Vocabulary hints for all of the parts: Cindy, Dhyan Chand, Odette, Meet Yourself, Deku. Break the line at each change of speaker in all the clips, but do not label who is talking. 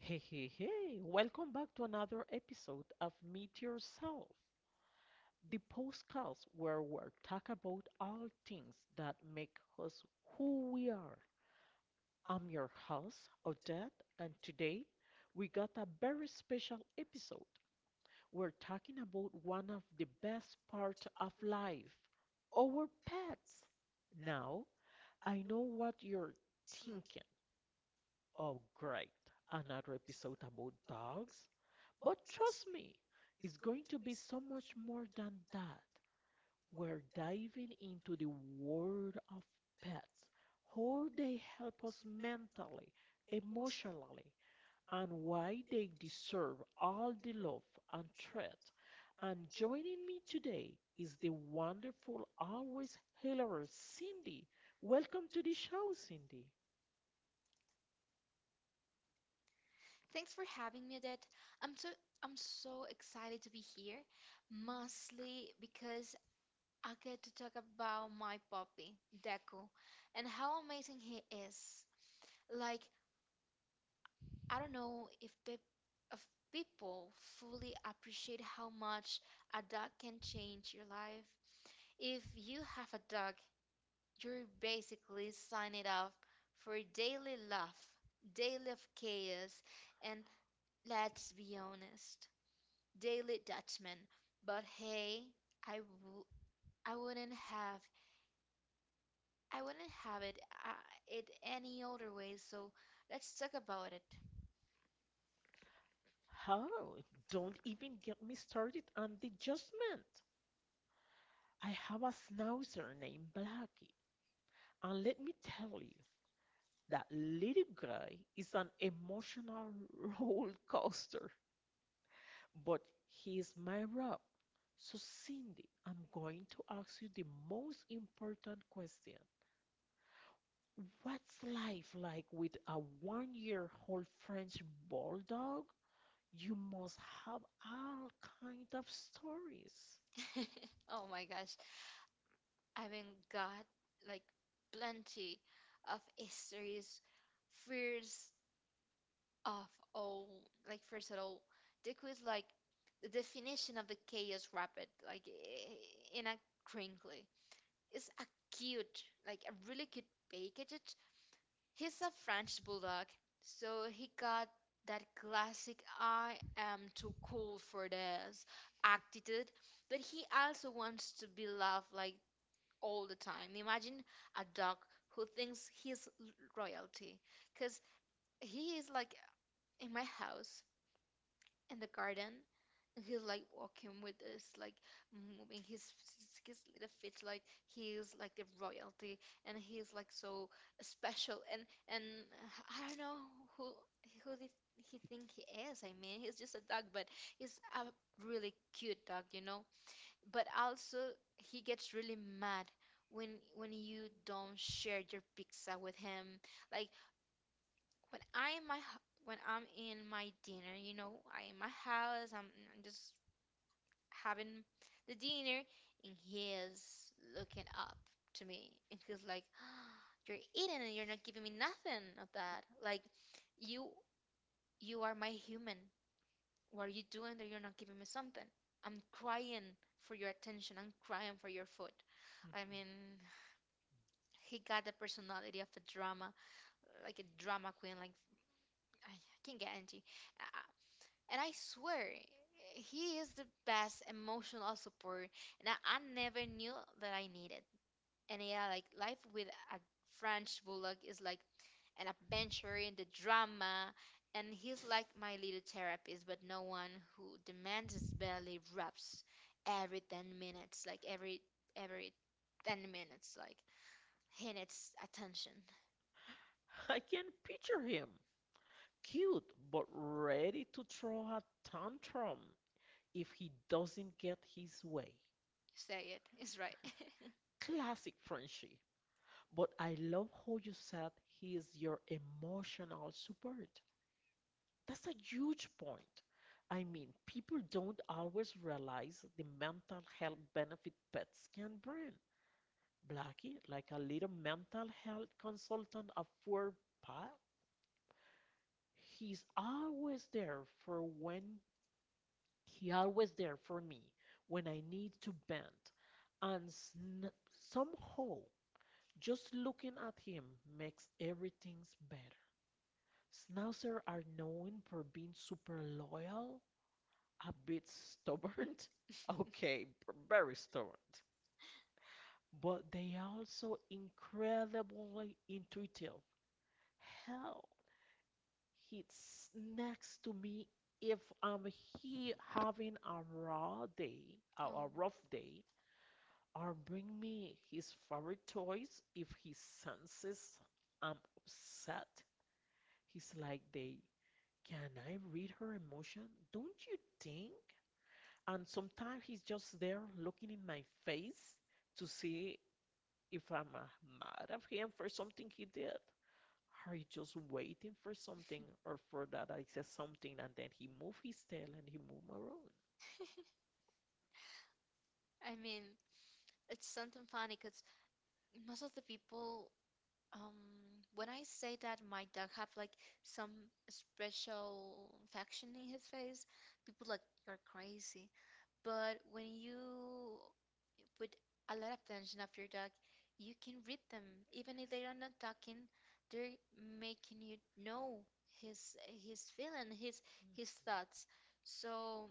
Yeah, okay. Welcome back to another episode of Meet Yourself, the postcast where we talk about all things that make us who we are. I'm your host, Odette, and today we got a very special episode. We're talking about one of the best parts of life, our pets. Now, I know what you're thinking. Oh, great, another episode about dogs? But trust me, it's going to be so much more than that. We're diving into the world of pets, how they help us mentally, emotionally, and why they deserve all the love and treat. And joining me today is the wonderful, always hilarious Cindy. Welcome to the show, Cindy.
Thanks for having me, Odette. I'm so I'm so excited to be here, mostly because I get to talk about my puppy, Deku, and how amazing he is. Like, I don't know if people fully appreciate how much a dog can change your life. If you have a dog, you're basically signing up for daily love, daily of chaos, and let's be honest. Daily Dutchman. But hey, I w- I wouldn't have I wouldn't have it uh, it any other way. So let's talk about it.
How? Don't even get me started on the judgment. I have a schnauzer named Blackie, and let me tell you that little guy is an emotional roller coaster, but he is my rock. So, Cindy, I'm going to ask you the most important question. What's life like with a 1-year old French bulldog? You must have all kind of stories.
Oh my gosh, I mean got like plenty of histories, fears of all like first of all. The quiz like the definition of the chaos rapid like in a crinkly. It's a cute like a really cute package. He's a French bulldog, so he got that classic I am too cool for this attitude, but he also wants to be loved like all the time. Imagine a dog who thinks he's royalty, because he is like in my house in the garden. And he's like walking with this, like moving his little feet, like he's like the royalty, and he's like so special. And I don't know who who did he think he is. I mean, he's just a dog, but he's a really cute dog, you know. But also, he gets really mad when when you don't share your pizza with him. Like when I'm in my dinner, you know, I in my house, I'm just having the dinner, and he is looking up to me, and he's like, "You're eating, and you're not giving me nothing of that. Like, you you are my human. What are you doing that you're not giving me something? I'm crying for your attention. I'm crying for your food. I mean, he got the personality of a drama, like a drama queen. Like I can get into. And I swear, he is the best emotional support that I never knew that I needed. And yeah, like life with a French bulldog is like an adventure in the drama. And he's like my little therapist, but no one who demands his belly rubs every 10 minutes, like every 10 minutes, like he needs attention. You
I can picture him, cute but ready to throw a tantrum if he doesn't get his way.
say it, it's right.
Classic Frenchie. But I love how you said he is your emotional support. That's a huge point. I mean, people don't always realize the mental health benefit pets can bring. Blackie, like a little mental health consultant of four pa, he's always there for when He always there for me when I need to bend, and sn- somehow just looking at him makes everything better. Schnauzers are known for being super loyal, a bit stubborn. Okay, very stubborn. But they are also incredibly intuitive. Hell, he's next to me if I'm he having a raw day,
A
or a
oh.
rough day, or bring me his favorite toys if he senses I'm upset. He's like they can I read her emotion? Don't you think? And sometimes he's just there looking in my face to see if I'm mad at him for something he did. Are you just waiting for something or for that I said something and then he move his tail and he move around?
I mean, it's something funny because most of the people, um, when I say that my dog have like some special infection in his face, people like you're crazy. But when you put a lot of attention of your dog, you can read them.
You can read them
Even
even
if
if
they
they
are not
are not
talking, they're making you know his feeling, his
talking. His
his
thoughts,
thoughts. So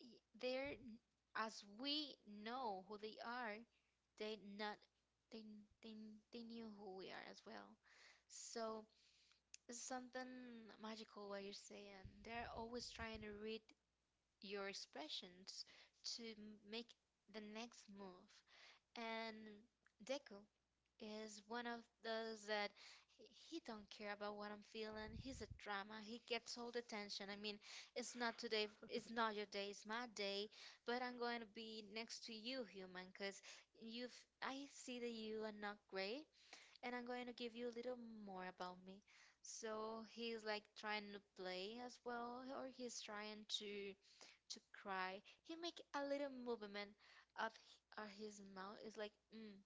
they're as we know who they are, they not they they they knew who we are as well. So it's something magical what you're saying. They're always trying to read your expressions to make the next move. And Deku is one of those that he he don't care about what I'm feeling. He's a drama. He gets all the attention. I mean, it's not today. It's not your day. It's my day. But I'm going to be next to you, human, because you've. I see that you are not great, and I'm going to give you a little more about me. So he's like trying to play as well, or he's trying to cry. He make a little movement of of his mouth. It's like. Mm,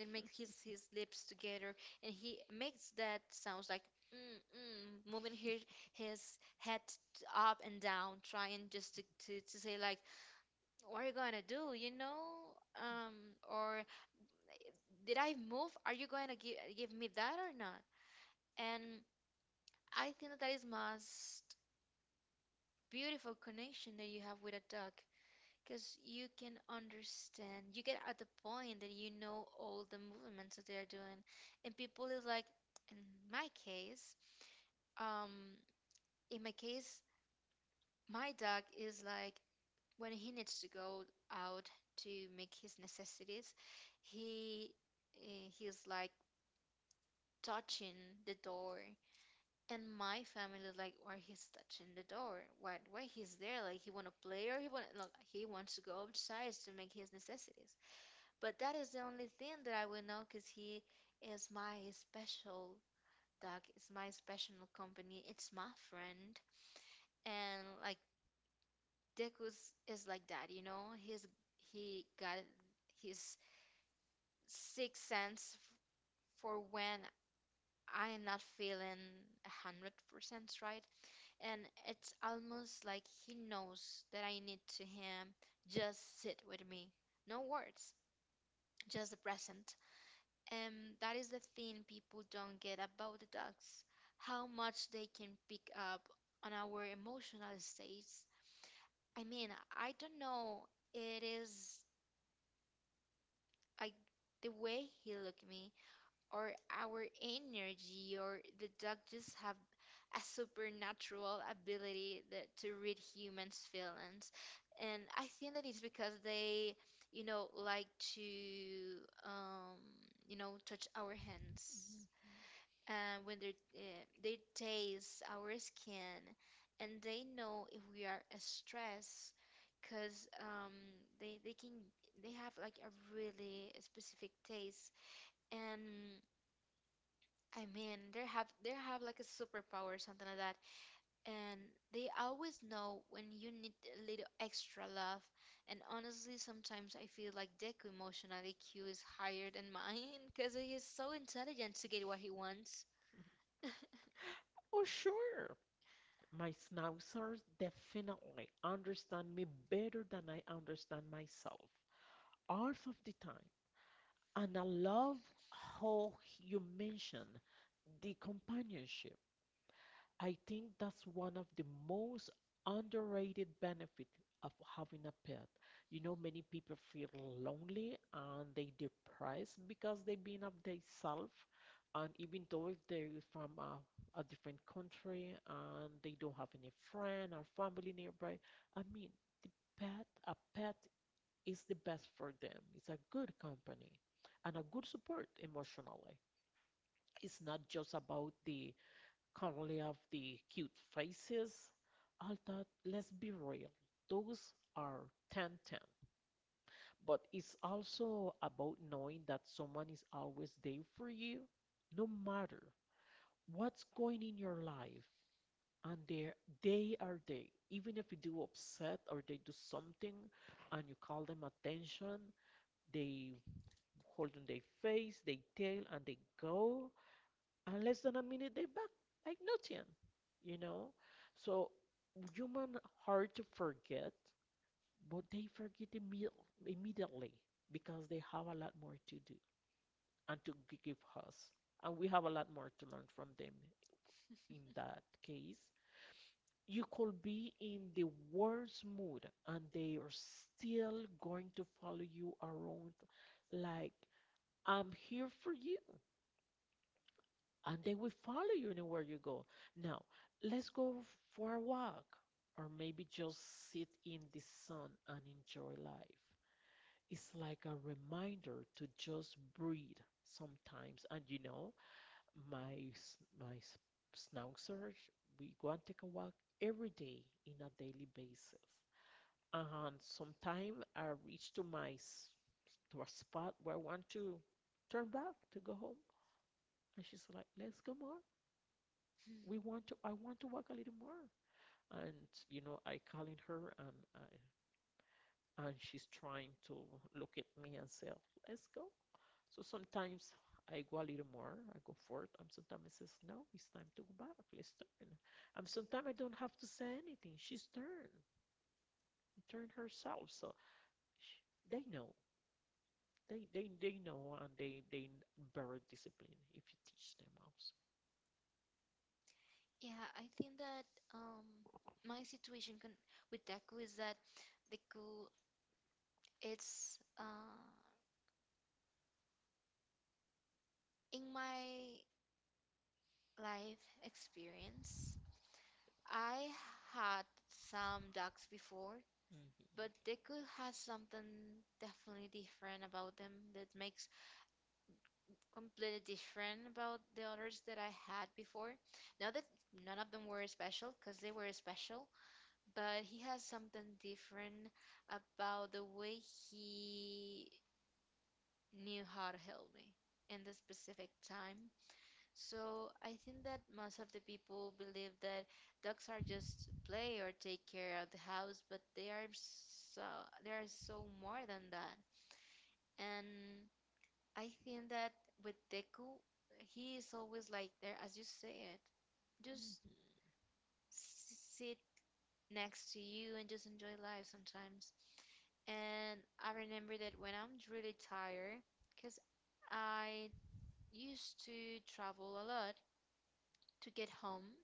and
will
make
make you
his
see.
lips together, and he makes that sounds like mm, mm, moving his head up and down trying just to say like what are you going to do, you know, um or did I move, are you going to give me that or not? And I think that is most beautiful connection that you have with a dog. Because you can understand, you get at the point that you know all the movements that they're doing. And people is like, in my case, um, in my case, my dog is like, when he needs to go out to make his necessities, he he's like touching the door. And my family is like, why he's touching the door? Why he's there? Like he want to play or he want like, he wants to go outside to make his necessities. But that is the only thing that I will know because he is my special dog. It's my special company. It's my friend. And like Deku's is like that, you know. He got his sixth sense for when I am not feeling 100% right. And it's almost like he knows that I need to him just sit with me. No words, just the present. And that is the thing people don't get about the dogs, how much they can pick up on our emotional states. I mean, I don't know, it is like the way he looked me, or our energy, or the dog just have a supernatural ability that, to read humans' feelings. And I think that it's because they, you know, like to, um, you know, touch our hands. When they taste our skin and they know if we are stressed because they they can they have like a really specific taste, and I mean they have like a superpower something like that. And they always know when you need a little extra love. And honestly sometimes I feel like Deku emotional IQ is higher than mine because he is so intelligent to get what he wants.
Oh, sure. My schnauzers definitely understand me better than I understand myself, half of the time. And I love how you mention the companionship. I think that's one of the most underrated benefit of having a pet. You know, many people feel lonely and they depressed because they've been of themselves, and even though if they're from a different country and they don't have any friend or family nearby, I mean, the a pet is the best for them. It's a good company and a good support emotionally. It's not just about the currently have the cute faces. I thought, let's be real, those are 10 ten. But it's also about knowing that someone is always there for you, no matter what's going in your life. And they are there. Even if you do upset or they do something and you call them attention, they hold on their face, they tail, and they go. And less than a minute they're back like nothing, you know. So human hard to forget, but they forget immediately because they have a lot more to do and to give us, and we have a lot more to learn from them. In that case, you could be in the worst mood and they are still going to follow you around like I'm here for you and they will follow you anywhere you go. Now, let's go for a walk, or maybe just sit in the sun and enjoy life. It's like a reminder to just breathe sometimes. And you know, my my s- schnauzers, we go and take a walk every day in a daily basis. And sometimes I reach to a spot where I want to turn back to go home, and she's like, "Let's go more."
Hmm.
we want to I want to walk a little more, and you know I calling her, and she's trying to look at me and say let's go. So sometimes I go a little more, I go forth, and sometimes I says, no, it's time to go back, let's turn. And sometimes I don't have to say anything. Turned herself. So sh they know. They know and they bear discipline if you teach them also.
Yeah, I think that um, my situation con with Deku is that Deku, it's in my life experience, I had some dogs before,
Mm-hmm.
but Deku
Hmm.
has something definitely different about them that makes completely different about the others that I had before. Not that none of them were special, because they were special. But he has something different about the way he knew how to help me in the specific time. So I think that most of the people believe that dogs are just play or take care of the house, but they are so, they are so more than that. And I think that with Deku, he is always like there, as you say it, just sit next to you and just enjoy life sometimes. And I remember that when I'm really tired, because I used to travel a lot to get home.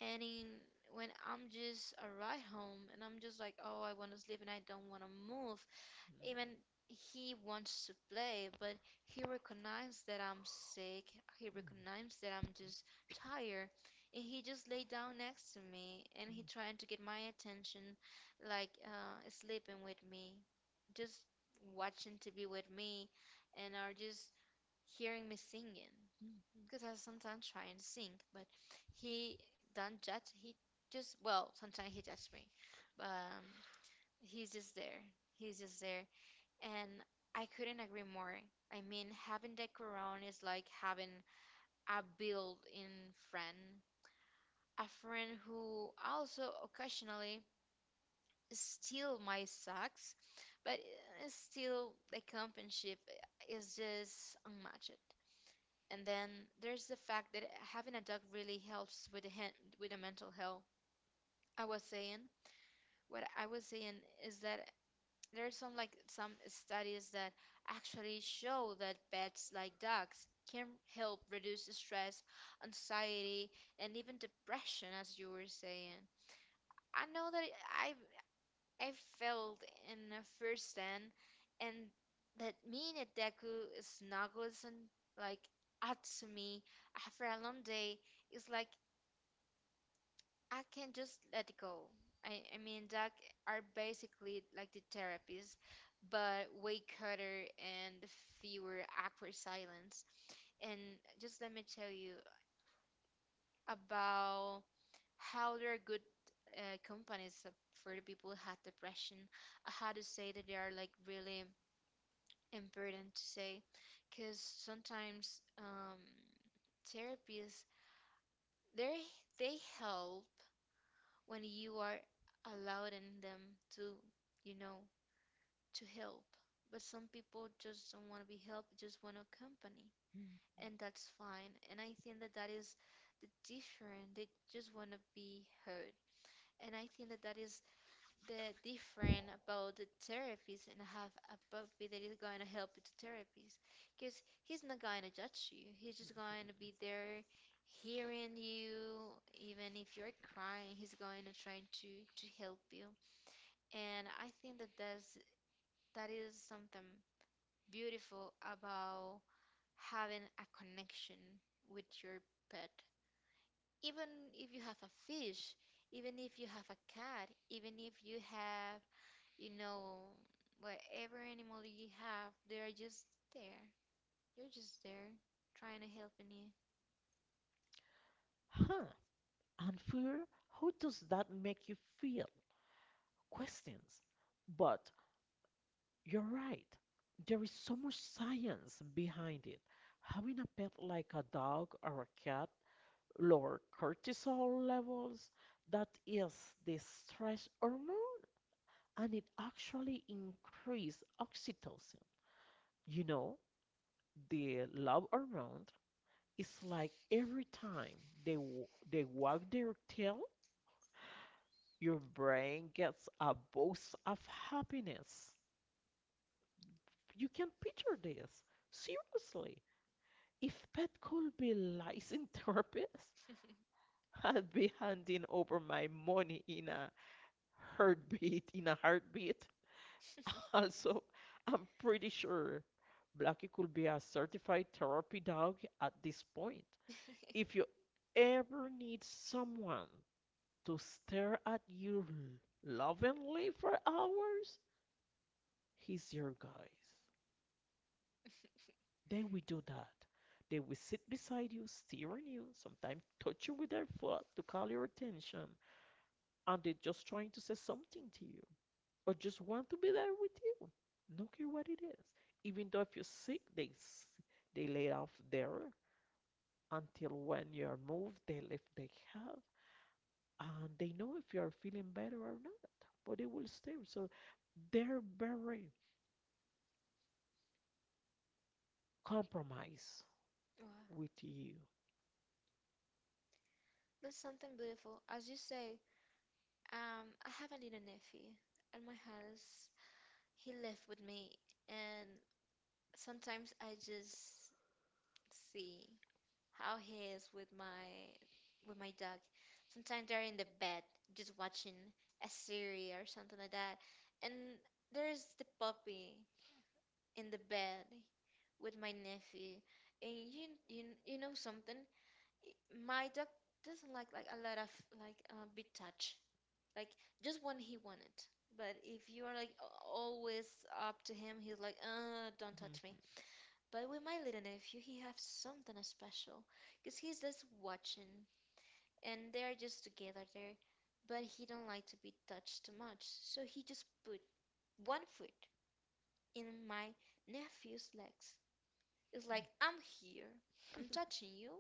And in, when I'm just arrive home and I'm just like, oh, I want to sleep and I don't want to move. Even he wants to play, but he recognized that I'm sick. He recognized that I'm just tired. And he just lay down next to me and he trying to get my attention, like sleeping with me, just watching to be with me, and are just hearing me singing because I sometimes try and sing, but he don't judge. He just well, sometimes he judges me, but he's just there. He's just there, and I couldn't agree more. I mean, having the Quran is like having a built-in friend, a friend who also occasionally steal my socks, but still the companionship is just unmatched. And then there's the fact that having a dog really helps with the with the mental health. I was saying What I was saying is that there's some like some studies that actually show that pets like dogs can help reduce stress, anxiety, and even depression, as you were saying. I know that I I felt in a first hand, and that me and Deku snuggles and like up to me after a long day is like I can just let it go. I mean, that are basically like the therapies, but way cuter and fewer awkward silence. And just let me tell you about how there are good companies for the people who had depression. I had to say that they are like really important to say, because sometimes therapies they they help when you are allowing them to, you know, to help. But some people just don't want to be helped, just want to company, and that's fine. And I think that that is the different. They just want to be heard, and I think that that is the different about the therapist and have a puppy that is going to help with the therapist, because he's not going to judge you, he's just going to be there hearing you, even if you're crying he's going to try to help you. And I think that that's, that is something beautiful about having a connection with your pet. Even if you have a fish, even if you have a cat, even if you have, you know, whatever animal you have, they are just there. You're just there trying to help you.
Huh, unfair? How does that make you feel? Questions. But you're right. There is so much science behind it. Having a pet like a dog or a cat lower cortisol levels, that is the stress hormone, and it actually increases oxytocin. You know, the love hormone is like every time they wag their tail, your brain gets a boost of happiness. You can picture this. Seriously, if Pet could be licensed therapist, I'd be handing over my money in a heartbeat. Also, I'm pretty sure Blackie could be a certified therapy dog at this point. If
if
you ever need someone to stare at you lovingly for hours, he's your guys. They will do that. They will sit beside you, steering you, sometimes touch you with their foot to call your attention, and they're just trying to say something to you, or just want to be there with you. No care what it is. Even though if you're sick, they lay off there until when you're moved, they lift they have, and they know if you're feeling better or not. But they will stay. So they're very compromise
Wow.
with you.
That's something beautiful. As you say, I have a little nephew at my house. He left with me, and sometimes I just see how he is with my dog. Sometimes they're in the bed just watching a series or something like that. And there's the puppy in the bed with my nephew. And you know something? My dog doesn't like a lot of big touch. Like just when he wanted. But if you are like always up to him, he's like, don't
Mhm.
touch me. But with my little nephew, he has something special because he's just watching and they're just together there, but he don't like to be touched too much, so he just put one foot in my nephew's legs. It's like, I'm here, I'm
Mm.
touching you.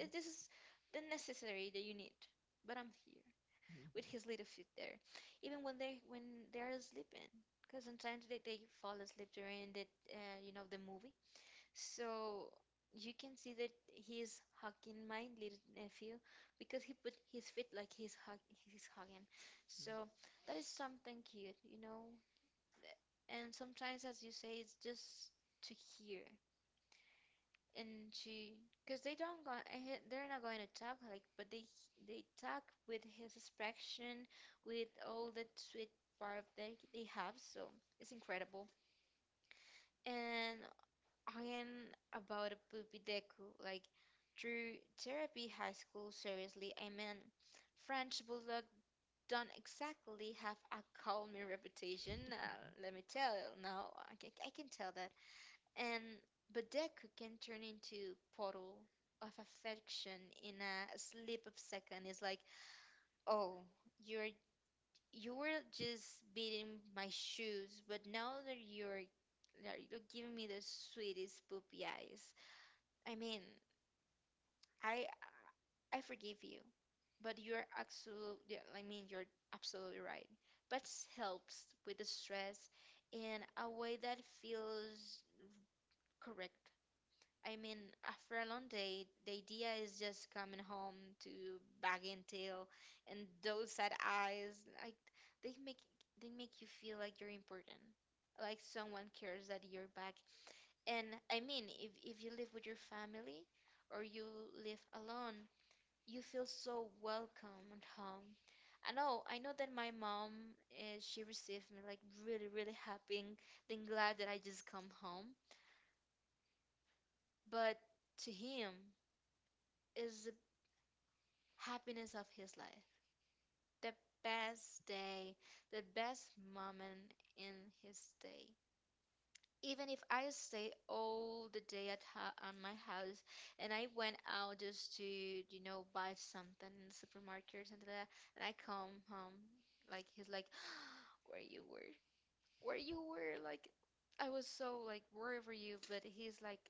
This is the necessary that you need, but I'm here with
Mhm.
his little feet there, even when they're sleeping, because sometimes they fall asleep during the the movie, so you can see that he's hugging my little nephew because he put his feet like he's hugging. So that is something cute. And sometimes, as you say, it's just to hear and to, because they don't go ahead, they're not going to talk like, but they talk with his expression, with all that sweet part they have. So it's incredible. And I'm about a poopy Deku. Like, through therapy high school, seriously, I mean, French Bulldog don't exactly have a calming reputation now, let me tell you. Now, I can tell that. And, but Deku can turn into portal of affection in a slip of second. It's like, oh, you're, you were just beating my shoes, but now that that you're giving me the sweetest poopy eyes. I mean, I I forgive you, but you're absolutely, I mean, you're absolutely right. But helps with the stress in a way that feels correct. I mean, after a long day, the idea is just coming home to bag and tail and those sad eyes, like they make they make you feel like you're important, like someone cares that you're back. And I mean, if you live with your family or you live alone, you feel so welcome at home. I know that my mom is she received me like really, really happy and then glad that I just come home. But to him is the happiness of his life, the best day, the best moment in his day. Even if I stay all the day at ho at my house and I went out just to buy something in the supermarket or something like that, and I come home, like he's like, where you were, where you were, like I was so like worried for you, but he's like,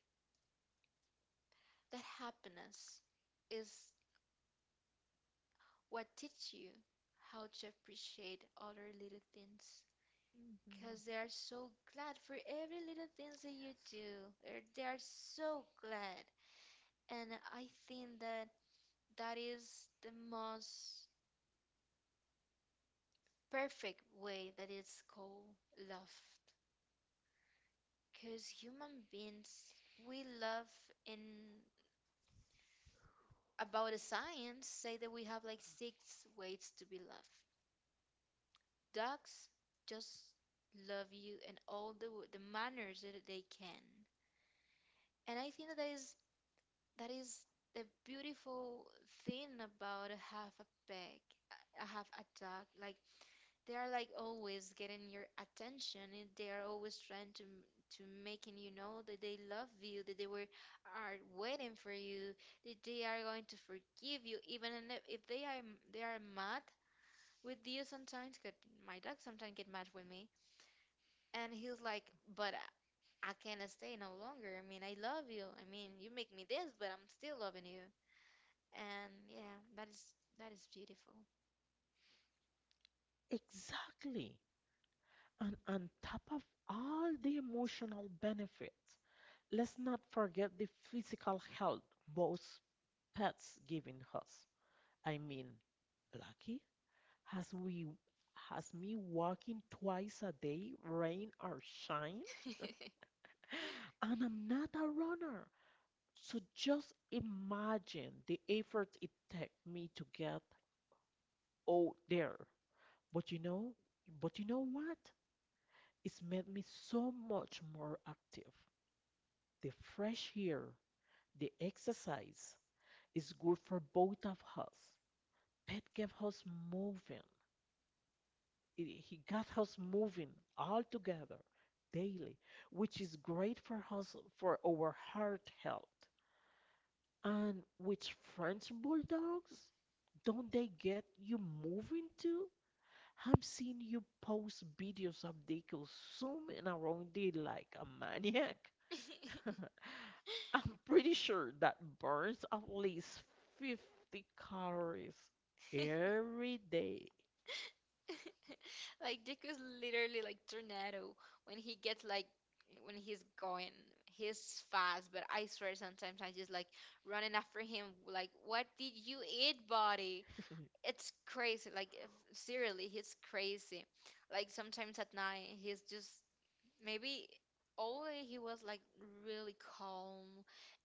that happiness is what teach you how to appreciate other little things.
Mhm.
Because they are so glad for every little things that you do. They are so glad. And I think that that is the most perfect way that it's called love. Because human beings, we love in about the science say that we have like six ways to be loved. Dogs just love you in all the manners that they can. And I think that, that is the beautiful thing about have a pet, have a dog. Like they are like always getting your attention, and they are always trying to making you know that they love you, that they were are waiting for you, that they are going to forgive you, even and if they are they are mad with you sometimes. 'Cause my dog sometimes get mad with me, and he's like, but, I can't stay no longer. I mean, I love you. I mean, you make me this, but I'm still loving you. And yeah, that is beautiful.
Exactly. And on top of all the emotional benefits, let's not forget the physical health both pets giving us. I mean, Blackie has we has me walking twice a day, rain or shine, and I'm not a runner. So just imagine the effort it takes me to get out there. But you know, but you know what? It's made me so much more active. The fresh air, the exercise is good for both of us. Pet kept us moving. It- He got us moving all together daily, which is great for us for our heart health. And with French bulldogs, don't they get you moving too? I am seeing you post videos of they consuming around it like a maniac. I'm pretty sure that burns at least 50 calories every day.
Like Dick is literally like tornado when he gets, like, when he's going. He's fast, but I swear sometimes I just like running after him, like, what did you eat, buddy? It's crazy. Like if, seriously, he's crazy. Like sometimes at night he's just maybe only he was like really calm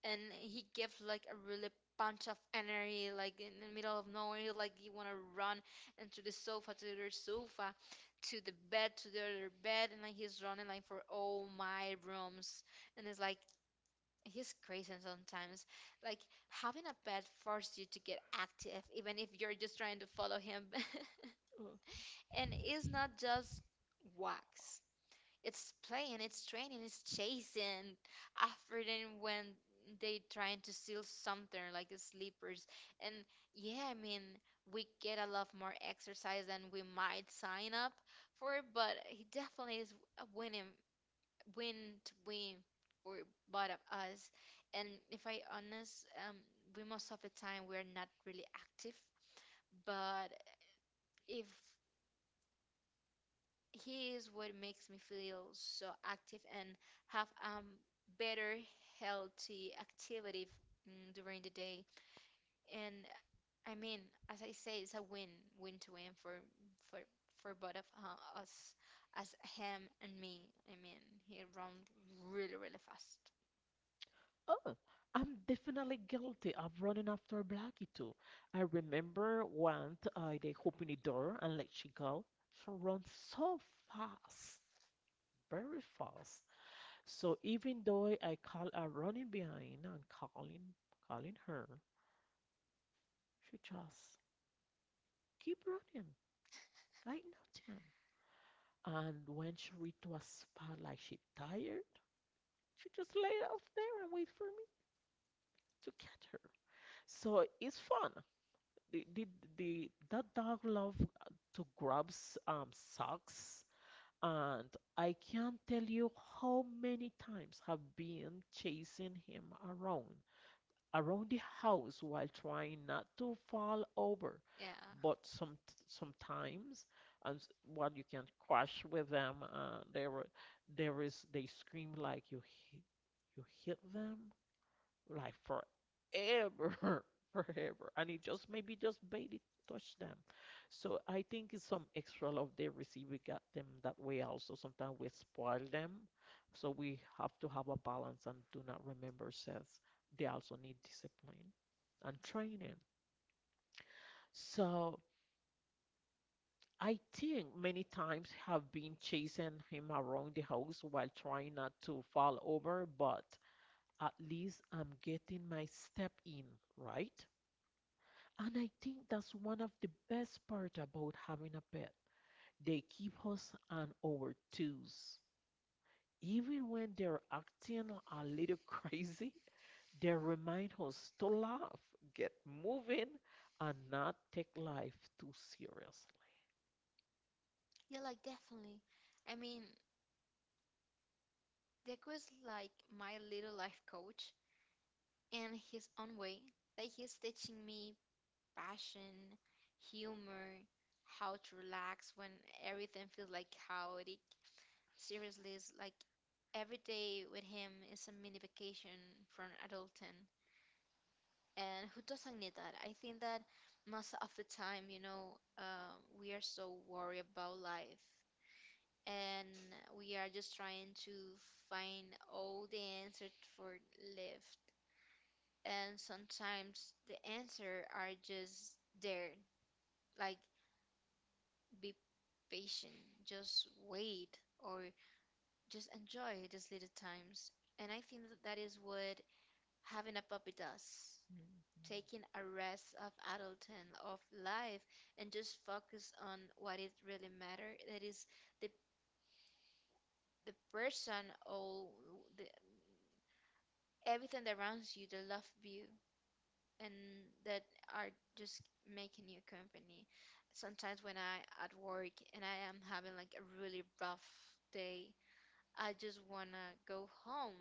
and he gives like a really bunch of energy, like in the middle of nowhere, like you want to run into the sofa to the other sofa to the bed to the other bed, and like he's running like for all my rooms, and it's like he's crazy sometimes, like having a pet forces you to get active even if you're just trying to follow him.
Uh,
And it's not just walks, it's playing, it's training, it's chasing after them when they trying to steal something like the sleepers. And yeah, I mean, we get a lot more exercise than we might sign up for, but he definitely is a winning, win to win for both of us. And if I honest, we most of the time we're not really active, but if he is what makes me feel so active and have better healthy activity during the day. And I mean, as I say, it's a win win to win for for both of us, as him and me. I mean, he run really really fast.
Oh, I'm definitely guilty of running after Blackie too. I remember once I they opened the door and let she go. She runs so fast, very fast. So even though I call her running behind and calling her, she just keep running like nothing. And when she reached to a spot like she tired, she just lay off there and wait for me to catch her. So it's fun. The, the, the that dog love to grab um socks, and I can't tell you how many times I've been chasing him around the house while trying not to fall over.
Yeah,
But sometimes, and what you can crash with them, there is they scream like you hit them, like forever, forever. And it just maybe just made it touch them. So I think it's some extra love they receive. We got them that way also. Sometimes we spoil them. So we have to have a balance and do not remember says they also need discipline and training. So I think many times have been chasing him around the house while trying not to fall over, but at least I'm getting my step in, right? And I think that's one of the best part about having a pet. They keep us on our toes. Even when they're acting a little crazy, they remind us to laugh, get moving, and not take life too seriously.
yeah, like definitely, I mean, Deku is like my little life coach in his own way, like he's teaching me passion, humor, how to relax when everything feels like chaotic. Seriously, it's like every day with him is a mini vacation from adulting. And who doesn't need that? I think that most of the time, we are so worried about life and we are just trying to find all the answers for life. And sometimes the answer are just there, like, be patient, just wait, or just enjoy these little times. And I think that that is what having a puppy does. Taking a rest of adulthood, of life, and just focus on what it really matters. That is the the person or the, everything that surrounds you, that love you, and that are just making you company. Sometimes when I at work and I am having like a really rough day, I just wanna go home,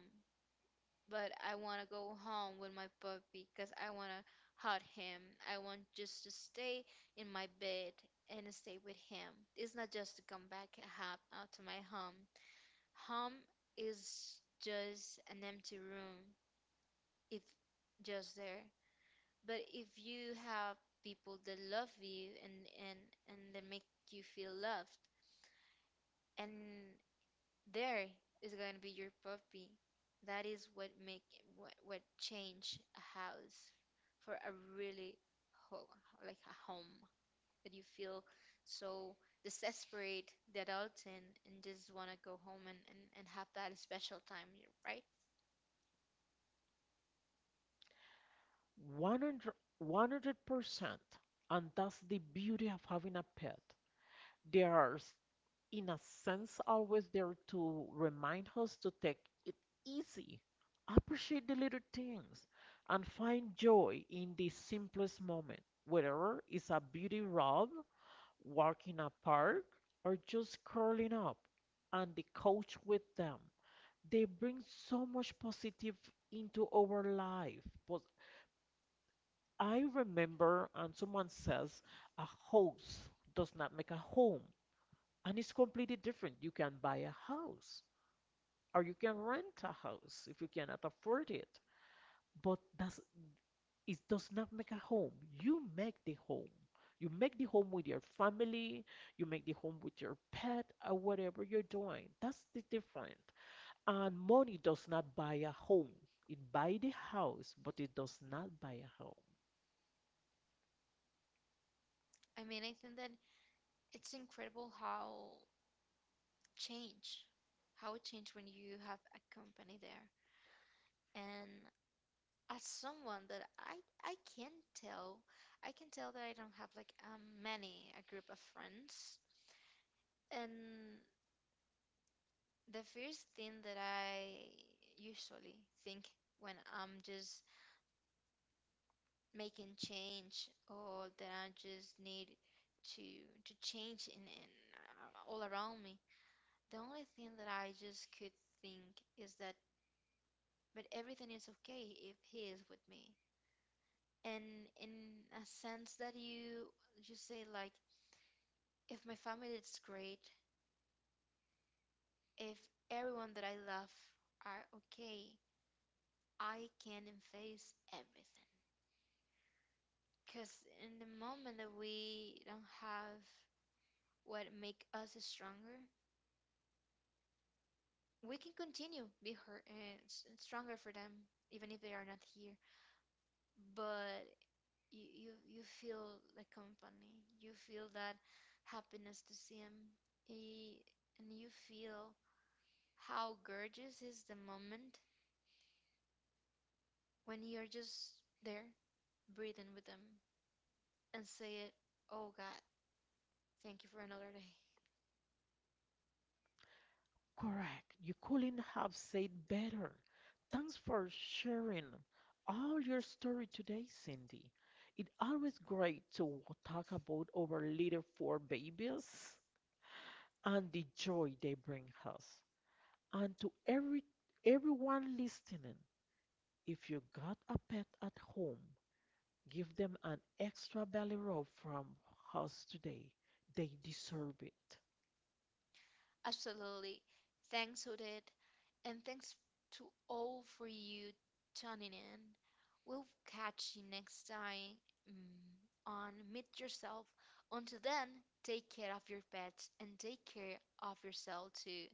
but I wanna go home with my puppy because I wanna hug him. I want just to stay in my bed and stay with him. It's not just to come back and hop out to my home. Home is just an empty room if just there. But if you have people that love you and and they make you feel loved, and there is going to be your puppy, that is what make what change a house for a really ho- like a home that you feel so desperate the adults in and just want to go home and have that special time, right?
100%. And that's the beauty of having a pet. They are in a sense, always there to remind us to take it easy, appreciate the little things, and find joy in the simplest moment, whether it's a beauty rub, walking a park, or just curling up on the couch with them. They bring so much positive into our life. But I remember, and someone says, a house does not make a home. And it's completely different. You can buy a house, or you can rent a house if you cannot afford it. But that's, it does not make a home. You make the home. You make the home with your family, you make the home with your pet, or whatever you're doing. That's the difference. And money does not buy a home. It buy the house, but it does not buy a home.
I mean, I think that it's incredible change how it changed when you have a company there. And as someone that I can tell, I can tell that I don't have like many a group of friends. And the first thing that I usually think when I'm just making change or that I just need to to change in all around me, the only thing that I just could think is that but everything is okay if he is with me. And in a sense that you say like, if my family is great, if everyone that I love are okay, I can face everything. Because in the moment that we don't have what make us stronger, we can continue be hurt and stronger for them, even if they are not here. But you feel the company, you feel that happiness to see him, he, and you feel how gorgeous is the moment when you're just there breathing with them and say it, oh God, thank you for another day.
Correct. You couldn't have said better. Thanks for sharing all your story today, Cindy. It's always great to talk about our little four babies and the joy they bring us. And to everyone listening, if you got a pet at home, give them an extra belly rub from us today. They deserve it.
Absolutely. Thanks, Odette. And thanks to all for you tuning in. We'll catch you next time on Meet Yourself. Until then, take care of your pets and take care of yourself too.